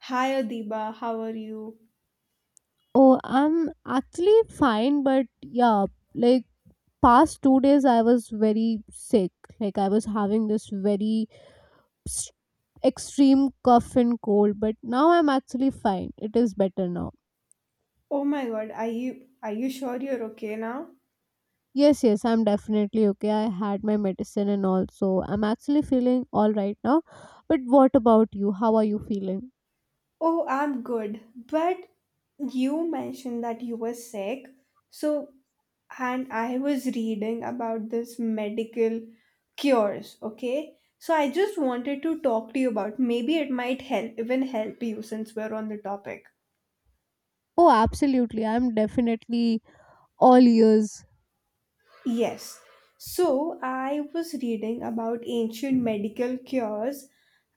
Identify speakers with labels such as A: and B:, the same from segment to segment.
A: Hi Adiba, how are you?
B: Oh, I'm actually fine, but yeah, like past 2 days I was very sick. Like I was having this very s- extreme cough and cold, but now I'm actually fine. It is better now.
A: Oh my god, are you sure you're okay now?
B: Yes, yes, I'm definitely okay. I had my medicine and all, so I'm actually feeling all right now. But what about you? How are you feeling?
A: Oh, I'm good. But you mentioned that you were sick. So, and I was reading about this medical cures, okay? So I just wanted to talk to you about maybe it might help even help you since we're on the topic.
B: Oh, absolutely. I'm definitely all ears.
A: Yes. So I was reading about ancient medical cures,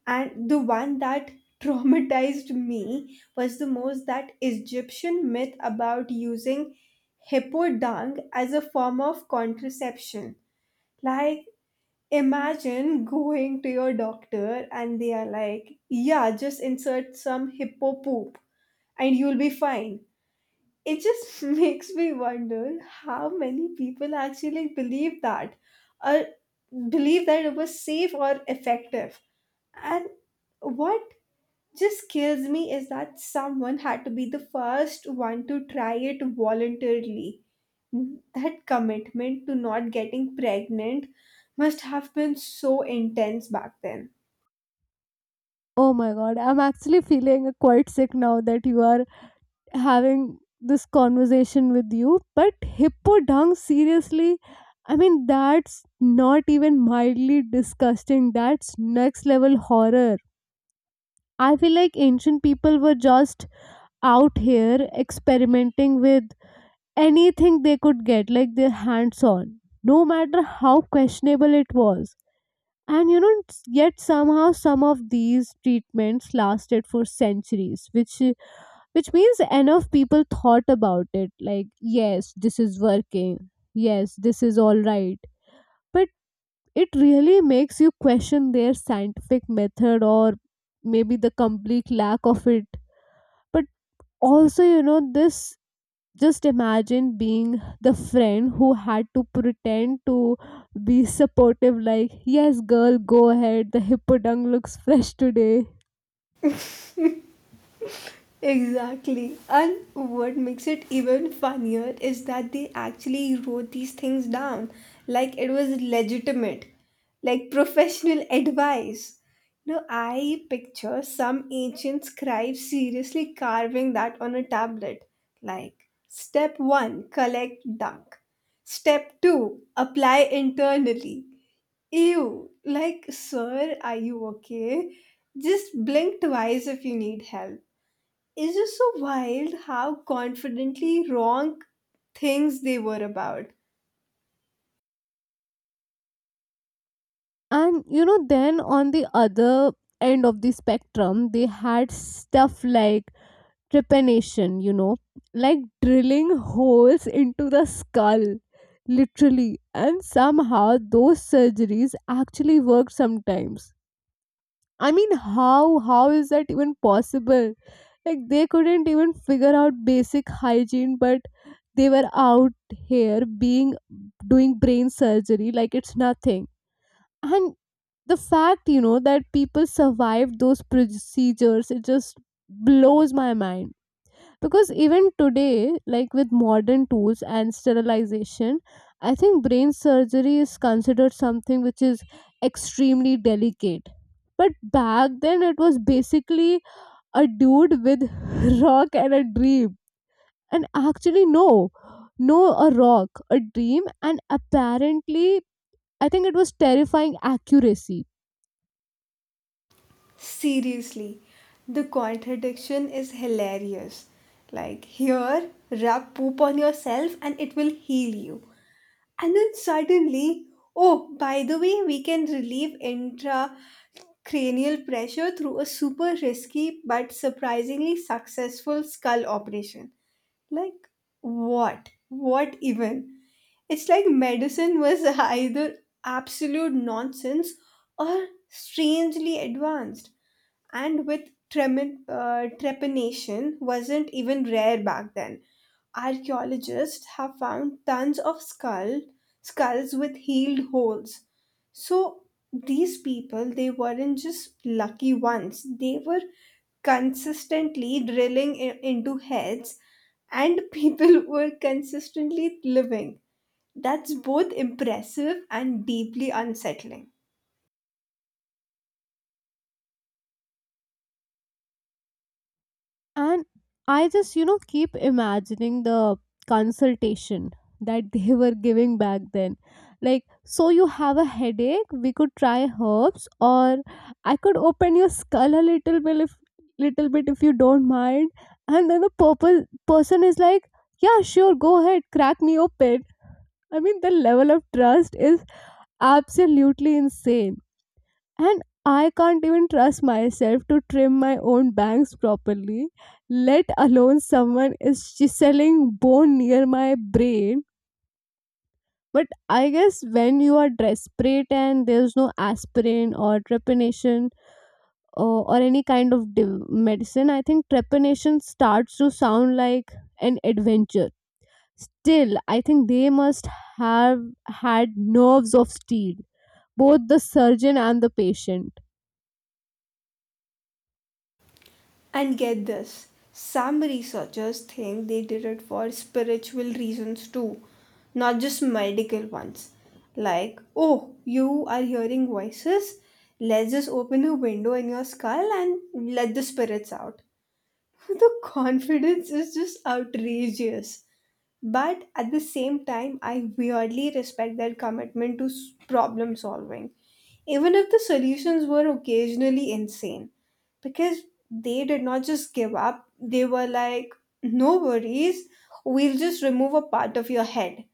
A: and the one that traumatized me was the most, that Egyptian myth about using hippo dung as a form of contraception. Like, imagine going to your doctor and they are like, yeah, just insert some hippo poop and you'll be fine. It just makes me wonder how many people actually believe that, or believe that it was safe or effective. And what just kills me is that someone had to be the first one to try it voluntarily. That commitment to not getting pregnant must have been so intense back then.
B: Oh my god, I'm actually feeling quite sick now that you are having this conversation with you. But hippo dung, seriously, I mean, that's not even mildly disgusting. That's next level horror. I feel like ancient people were just out here experimenting with anything they could get, like their hands on, no matter how questionable it was. And you know, yet somehow some of these treatments lasted for centuries, which means enough people thought about it like yes, this is working, yes, this is all right. But it really makes you question their scientific method, or maybe the complete lack of it. But also, you know, this, just imagine being the friend who had to pretend to be supportive like, yes girl, go ahead, the hippodang looks fresh today.
A: Exactly. And what makes it even funnier is that they actually wrote these things down like it was legitimate, like professional advice. Now, I picture some ancient scribe seriously carving that on a tablet, like, step one, collect dunk. Step two, apply internally. Ew, like, sir, are you okay? Just blink twice if you need help. It's just so wild how confidently wrong things they were about.
B: And you know, then on the other end of the spectrum, they had stuff like trepanation, you know, like drilling holes into the skull literally, and somehow those surgeries actually worked sometimes. I mean, how is that even possible? Like they couldn't even figure out basic hygiene, but they were out here being doing brain surgery like it's nothing. And the fact, you know, that people survived those procedures, it just blows my mind. Because even today, like with modern tools and sterilization, I think brain surgery is considered something which is extremely delicate. But back then it was basically a dude with rock and a dream. And actually no, a rock, a dream, and apparently I think it was terrifying accuracy.
A: Seriously, the contradiction is hilarious. Like, here, rub poop on yourself and it will heal you. And then suddenly, oh, by the way, we can relieve intracranial pressure through a super risky but surprisingly successful skull operation. Like, what? What even? It's like medicine was either absolute nonsense or strangely advanced, and with trepanation wasn't even rare back then. Archaeologists have found tons of skulls with healed holes. So these people, they weren't just lucky ones. They were consistently drilling into heads, and people were consistently living. That's both impressive and deeply unsettling.
B: And I just, you know, keep imagining the consultation that they were giving back then. Like, so you have a headache, we could try herbs, or I could open your skull a little bit if you don't mind. And then the purple person is like, yeah, sure, go ahead, crack me open. I mean, the level of trust is absolutely insane. And I can't even trust myself to trim my own bangs properly, let alone someone is chiseling bone near my brain. But I guess when you are desperate and there's no aspirin or trepanation or any kind of medicine, I think trepanation starts to sound like an adventure. Still, I think they must have had nerves of steel, both the surgeon and the patient.
A: And get this, some researchers think they did it for spiritual reasons too, not just medical ones. Like, oh, you are hearing voices? Let's just open a window in your skull and let the spirits out. The confidence is just outrageous. But at the same time, I weirdly respect their commitment to problem solving, even if the solutions were occasionally insane. Because they did not just give up. They were like, no worries, we'll just remove a part of your head.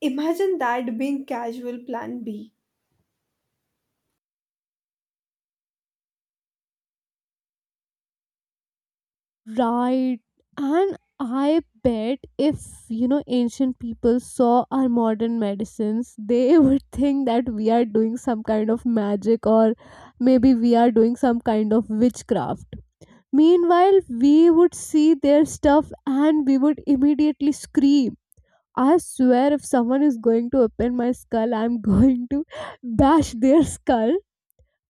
A: Imagine that being casual plan B.
B: Right. And I bet if, you know, ancient people saw our modern medicines, they would think that we are doing some kind of magic, or maybe we are doing some kind of witchcraft. Meanwhile, we would see their stuff and we would immediately scream. I swear, if someone is going to open my skull, I'm going to bash their skull.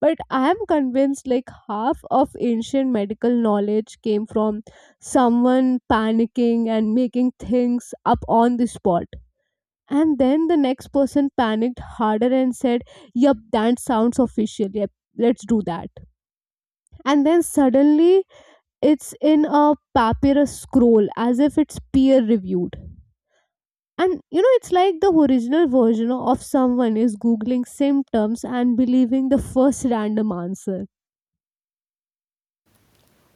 B: But I am convinced like half of ancient medical knowledge came from someone panicking and making things up on the spot, and then the next person panicked harder and said, yep, that sounds official, yep, let's do that. And then suddenly it's in a papyrus scroll as if it's peer reviewed. And you know, it's like the original version of someone is googling symptoms and believing the first random answer.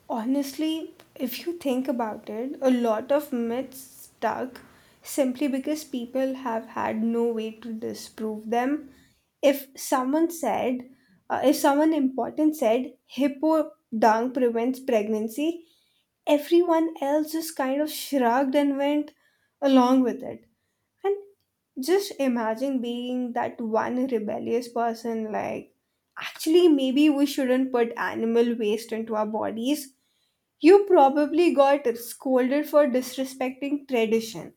A: Honestly, if you think about it, a lot of myths stuck simply because people have had no way to disprove them. If someone said, if someone important said, hippo dung prevents pregnancy, everyone else just kind of shrugged and went along with it. And just imagine being that one rebellious person, like, actually, maybe we shouldn't put animal waste into our bodies. You probably got scolded for disrespecting tradition.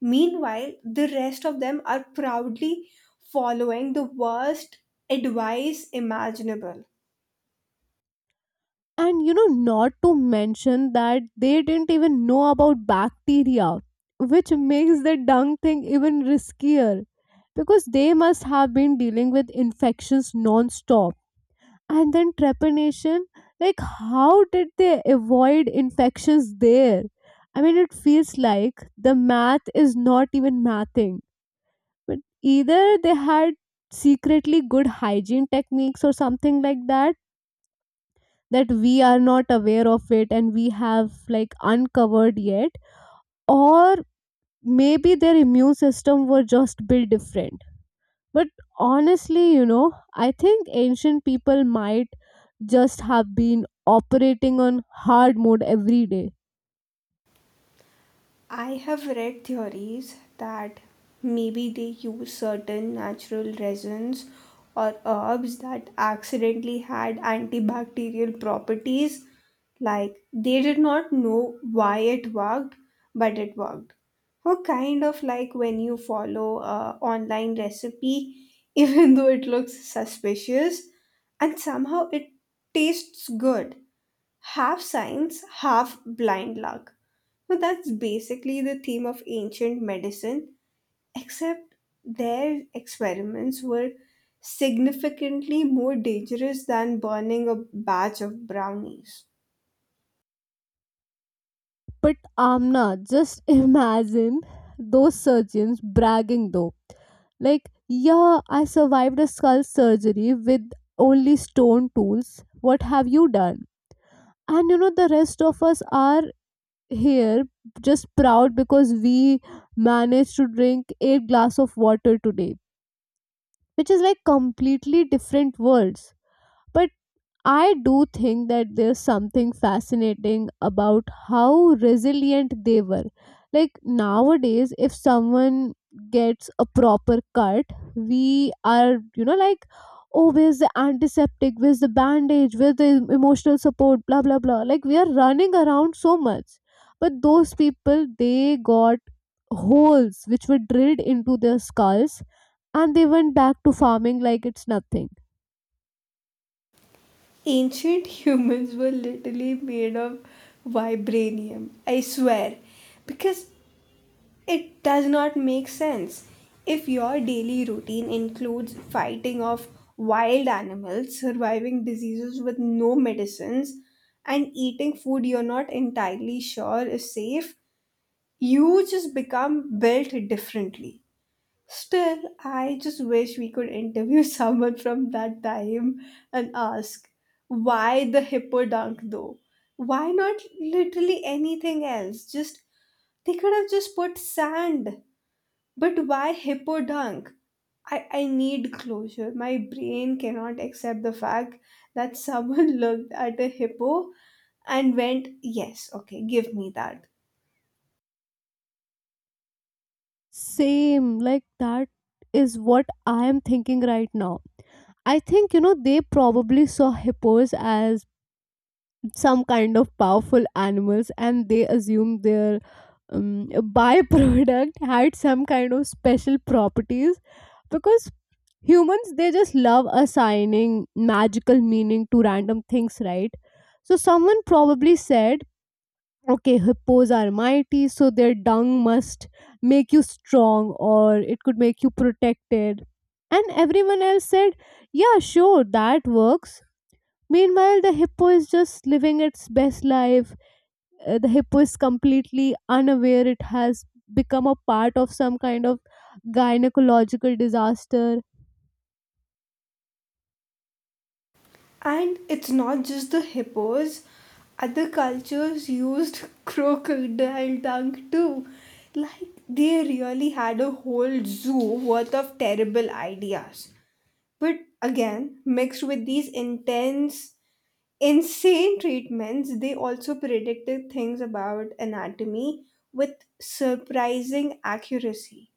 A: Meanwhile, the rest of them are proudly following the worst advice imaginable.
B: And you know, not to mention that they didn't even know about bacteria, which makes the dung thing even riskier because they must have been dealing with infections non-stop. And then trepanation, like how did they avoid infections there? I mean, it feels like the math is not even mathing. But either they had secretly good hygiene techniques or something like that that we are not aware of it and we have like uncovered yet, or maybe their immune system were just built different. But honestly, you know, I think ancient people might just have been operating on hard mode every day.
A: I have read theories that maybe they use certain natural resins or herbs that accidentally had antibacterial properties. Like, they did not know why it worked, but it worked. Or kind of like when you follow a online recipe, even though it looks suspicious, and somehow it tastes good. Half science, half blind luck. Now that's basically the theme of ancient medicine, except their experiments were significantly more dangerous than burning a batch of brownies.
B: But Amna, just imagine those surgeons bragging though, like, yeah, I survived a skull surgery with only stone tools, what have you done? And you know, the rest of us are here just proud because we managed to drink 8 glass of water today, which is like completely different worlds. But I do think that there's something fascinating about how resilient they were. Like nowadays, if someone gets a proper cut, we are, you know, like, oh, where's the antiseptic? Where's the bandage? Where's the emotional support? Blah, blah, blah. Like, we are running around so much. But those people, they got holes which were drilled into their skulls and they went back to farming like it's nothing.
A: Ancient humans were literally made of vibranium, I swear, because it does not make sense. If your daily routine includes fighting off wild animals, surviving diseases with no medicines, and eating food you're not entirely sure is safe, you just become built differently. Still, I just wish we could interview someone from that time and ask, why the hippo dunk though? Why not literally anything else? Just, they could have just put sand, but why hippo dunk? I need closure. My brain cannot accept the fact that someone looked at a hippo and went, yes, okay, give me that.
B: Same, like that is what I am thinking right now. I think you know they probably saw hippos as some kind of powerful animals, and they assumed their byproduct had some kind of special properties because humans they just love assigning magical meaning to random things, right? So someone probably said, okay, hippos are mighty, so their dung must make you strong or it could make you protected. And everyone else said, yeah, sure, that works. Meanwhile, the hippo is just living its best life. The hippo is completely unaware it has become a part of some kind of gynecological disaster.
A: And it's not just the hippos, other cultures used crocodile dung too. Like, they really had a whole zoo worth of terrible ideas. But again, mixed with these intense insane treatments, they also predicted things about anatomy with surprising accuracy.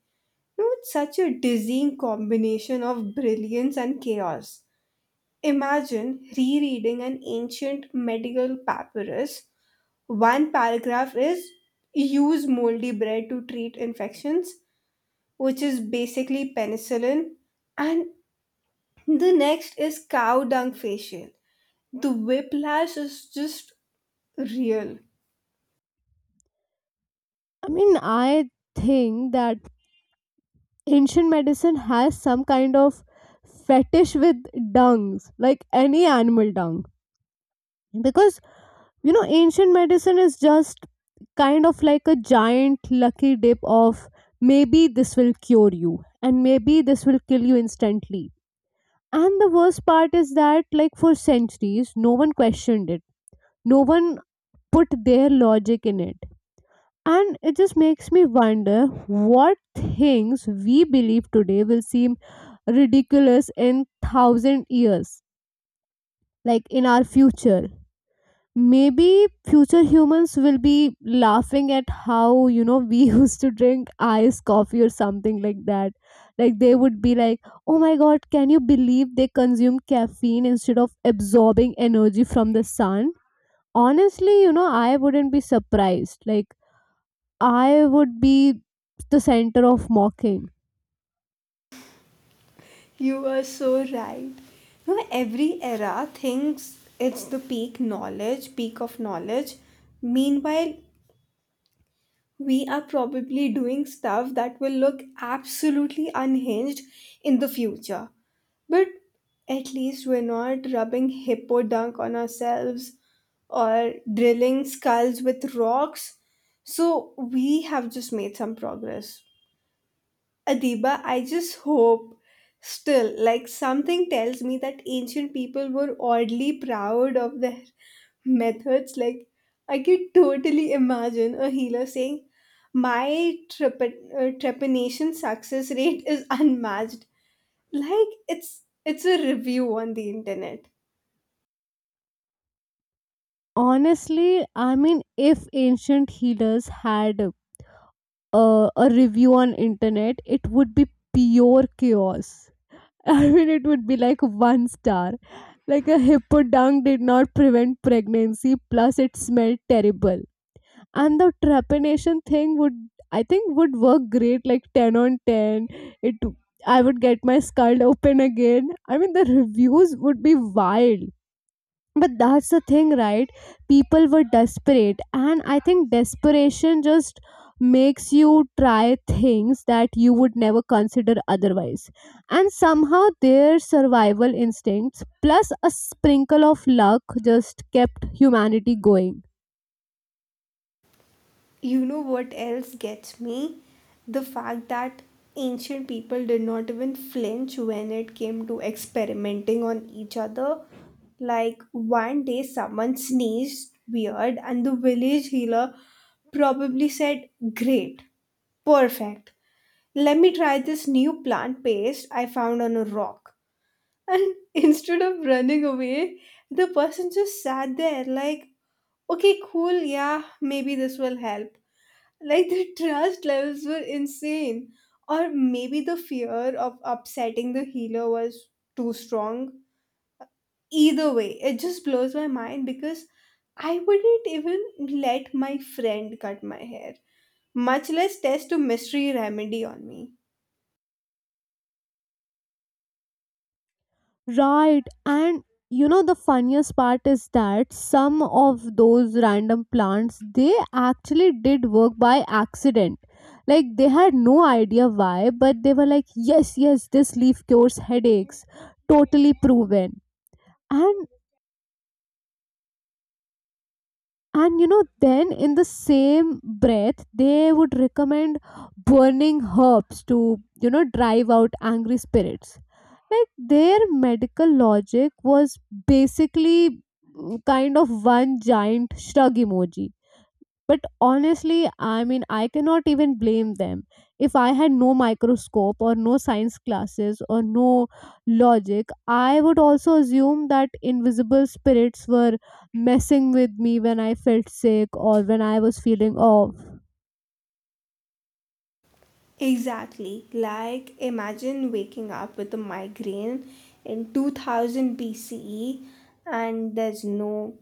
A: Now, it's such a dizzying combination of brilliance and chaos. Imagine rereading an ancient medical papyrus. One paragraph is, use moldy bread to treat infections, which is basically penicillin, and the next is cow dung facial. The whiplash is just real.
B: I mean, I think that ancient medicine has some kind of fetish with dungs, like any animal dung, because you know ancient medicine is just kind of like a giant lucky dip of maybe this will cure you and maybe this will kill you instantly. And the worst part is that like for centuries no one questioned it, no one put their logic in it. And it just makes me wonder what things we believe today will seem ridiculous in 1,000 years, like in our future. Maybe future humans will be laughing at how, you know, we used to drink iced coffee or something like that. Like they would be like, oh my god, can you believe they consume caffeine instead of absorbing energy from the sun? Honestly, you know, I wouldn't be surprised. Like I would be the center of mocking.
A: You are so right. No, every era thinks it's the peak of knowledge. Meanwhile, we are probably doing stuff that will look absolutely unhinged in the future. But at least we're not rubbing hippo dunk on ourselves or drilling skulls with rocks. So we have just made some progress. Adiba, I just hope. Still, like, something tells me that ancient people were oddly proud of their methods. Like, I could totally imagine a healer saying, my trepanation success rate is unmatched. Like, it's a review on the internet.
B: Honestly, I mean if ancient healers had a review on internet, it would be pure chaos. I mean, it would be like one star. Like, a hippo dung did not prevent pregnancy, plus it smelled terrible. And the trepanation thing would, I think, would work great. Like 10 on 10, it. I would get my skull open again. I mean, the reviews would be wild. But that's the thing, right? People were desperate, and I think desperation just makes you try things that you would never consider otherwise. And somehow, their survival instincts plus a sprinkle of luck just kept humanity going.
A: You know what else gets me? The fact that ancient people did not even flinch when it came to experimenting on each other. Like, one day, someone sneezed weird, and the village healer probably said, great, perfect. Let me try this new plant paste I found on a rock. And instead of running away, the person just sat there, like, okay, cool, yeah, maybe this will help. Like, the trust levels were insane. Or maybe the fear of upsetting the healer was too strong. Either way, it just blows my mind because I wouldn't even let my friend cut my hair, much less test a mystery remedy on me.
B: Right. And you know, the funniest part is that some of those random plants, they actually did work by accident. Like, they had no idea why, but they were like, yes, yes, this leaf cures headaches. Totally proven. And and you know, then in the same breath they would recommend burning herbs to, you know, drive out angry spirits. Like their medical logic was basically kind of one giant shrug emoji. But honestly, I mean, I cannot even blame them. If I had no microscope or no science classes or no logic, I would also assume that invisible spirits were messing with me when I felt sick or when I was feeling off.
A: Exactly. Like, imagine waking up with a migraine in 2000 BCE, and there's no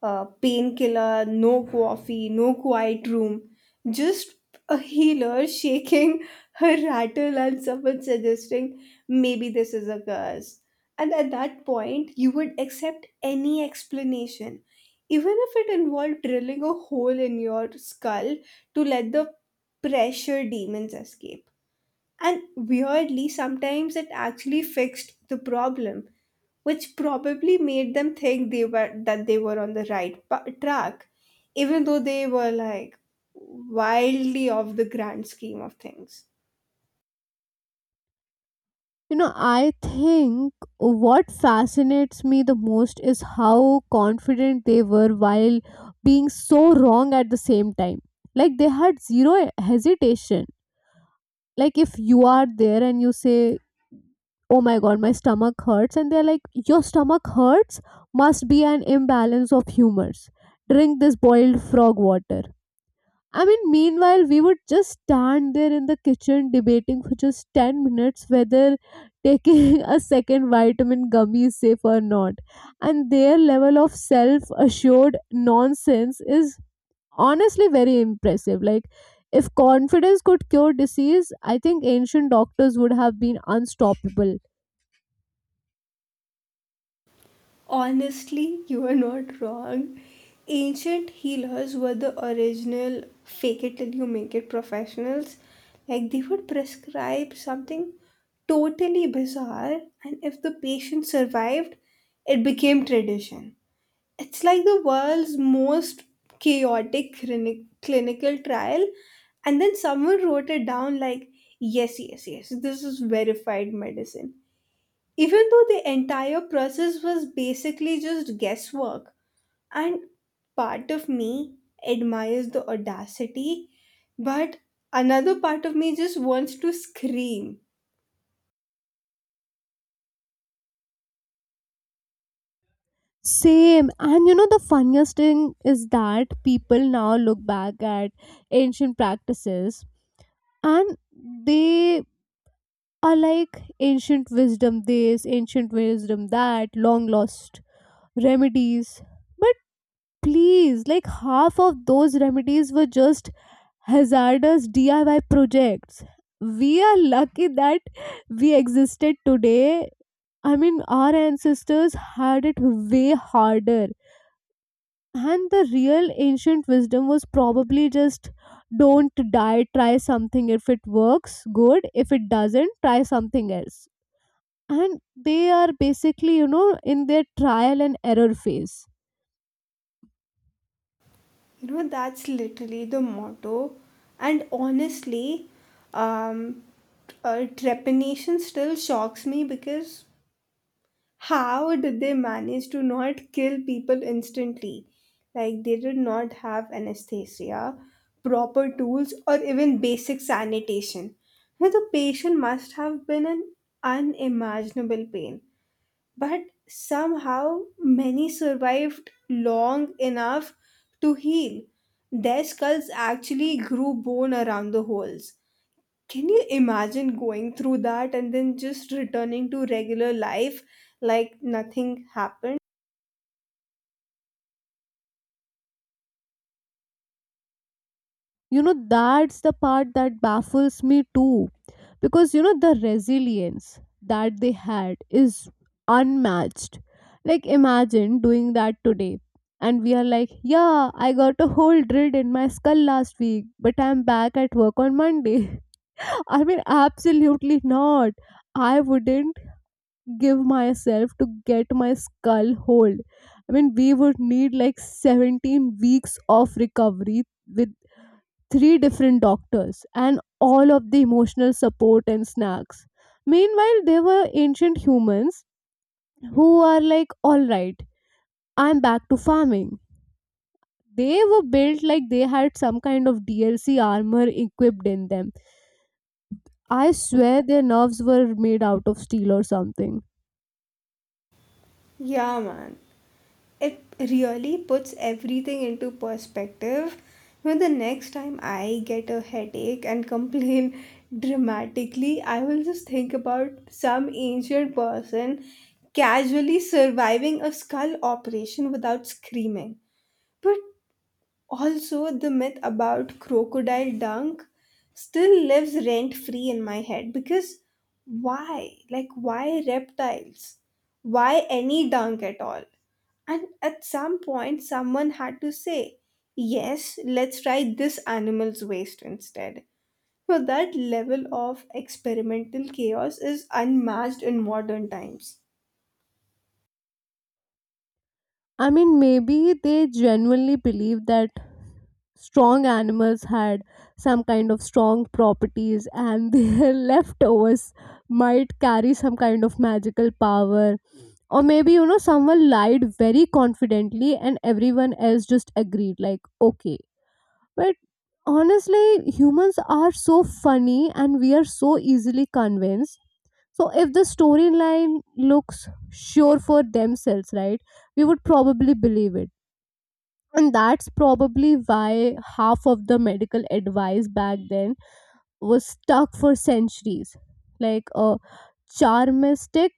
A: painkiller, no coffee, no quiet room, just a healer shaking her rattle and someone suggesting maybe this is a curse. And at that point, you would accept any explanation, even if it involved drilling a hole in your skull to let the pressure demons escape. And weirdly, sometimes it actually fixed the problem, which probably made them think they were on the right track, even though they were, like, wildly off the grand scheme of things.
B: You know, I think what fascinates me the most is how confident they were while being so wrong at the same time. Like they had zero hesitation. Like if you are there and you say, "Oh my god, my stomach hurts," and they're like, "Your stomach hurts must be an imbalance of humors. Drink this boiled frog water." I mean, meanwhile, we would just stand there in the kitchen debating for just 10 minutes whether taking a second vitamin gummy is safe or not. And their level of self assured nonsense is honestly very impressive. Like, if confidence could cure disease, I think ancient doctors would have been unstoppable.
A: Honestly, you are not wrong. Ancient healers were the original fake it till you make it professionals. Like, they would prescribe something totally bizarre, and if the patient survived, it became tradition. It's like the world's most chaotic clinical trial, and then someone wrote it down like, yes, yes, yes, this is verified medicine, even though the entire process was basically just guesswork. And part of me admires the audacity, but another part of me just wants to scream.
B: Same. And you know, the funniest thing is that people now look back at ancient practices, and they are like, ancient wisdom this, ancient wisdom that, long lost remedies. But please, like half of those remedies were just hazardous DIY projects. We are lucky that we existed today. I mean, our ancestors had it way harder. And the real ancient wisdom was probably just, don't die, try something. If it works, good. If it doesn't, try something else. And they are basically, you know, in their trial and error phase.
A: You know, that's literally the motto. And honestly, um trepanation still shocks me because, how did they manage to not kill people instantly? Like, they did not have anesthesia, proper tools, or even basic sanitation. Now, the patient must have been an unimaginable pain. But somehow, many survived long enough to heal. Their skulls actually grew bone around the holes. Can you imagine going through that and then just returning to regular life like nothing happened?
B: You know, that's the part that baffles me too, because you know the resilience that they had is unmatched. Like imagine doing that today and we are like, yeah, I got a hole drilled in my skull last week but I'm back at work on Monday. I mean, absolutely not. I wouldn't give myself to get my skull hold. I mean, we would need like 17 weeks of recovery with three different doctors and all of the emotional support and snacks. Meanwhile, there were ancient humans who are like, all right, I'm back to farming. They were built like they had some kind of DLC armor equipped in them. I swear their nerves were made out of steel or something.
A: Yeah, man. It really puts everything into perspective. When the next time I get a headache and complain dramatically, I will just think about some ancient person casually surviving a skull operation without screaming. But also, the myth about crocodile dunk still lives rent free in my head because, why? Like, why reptiles? Why any dunk at all? And at some point, someone had to say, yes, let's try this animal's waste instead. So, that level of experimental chaos is unmatched in modern times.
B: I mean, maybe they genuinely believed that strong animals had some kind of strong properties and their leftovers might carry some kind of magical power. Or maybe, you know, someone lied very confidently and everyone else just agreed, like, okay. But honestly, humans are so funny and we are so easily convinced. So if the storyline looks sure for themselves, right, we would probably believe it. And that's probably why half of the medical advice back then was stuck for centuries. Like a charmistic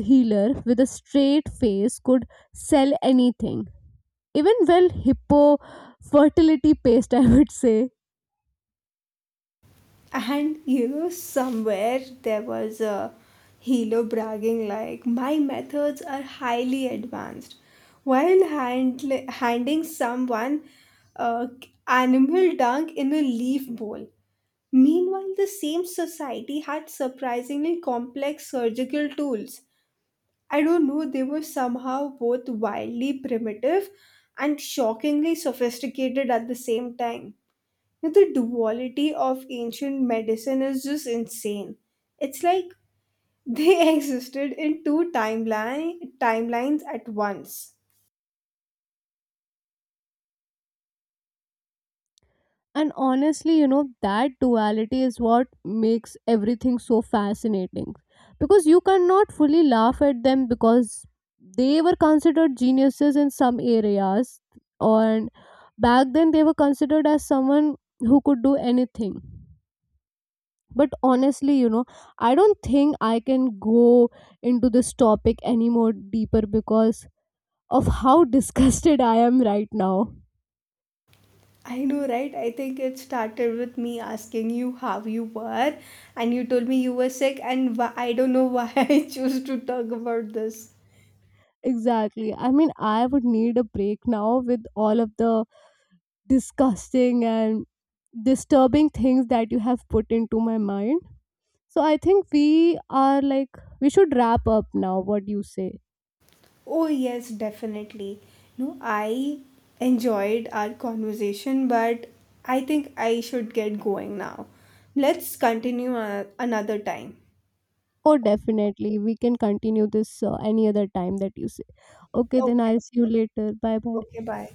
B: healer with a straight face could sell anything, even well, hippo fertility paste, I would say.
A: And you know, somewhere there was a hero bragging like, my methods are highly advanced, while handing someone uh, animal dung in a leaf bowl. Meanwhile, the same society had surprisingly complex surgical tools. I don't know, they were somehow both wildly primitive and shockingly sophisticated at the same time. Now, the duality of ancient medicine is just insane. It's like they existed in two timelines at once.
B: And honestly, you know, that duality is what makes everything so fascinating. Because you cannot fully laugh at them because they were considered geniuses in some areas, and back then they were considered as someone who could do anything. But honestly, you know, I don't think I can go into this topic any more deeper because of how disgusted I am right now.
A: I know, right? I think it started with me asking you how you were, and you told me you were sick, and I don't know why I choose to talk about this.
B: Exactly. I mean, I would need a break now with all of the disgusting and disturbing things that you have put into my mind. So I think we are like, we should wrap up now. What do you say?
A: Oh, yes, definitely. No, I enjoyed our conversation, but I think I should get going now. Let's continue another time.
B: Oh, definitely. We can continue this any other time that you say. Okay, then
A: Okay.
B: I'll see you later. Bye bye.
A: Okay. Bye.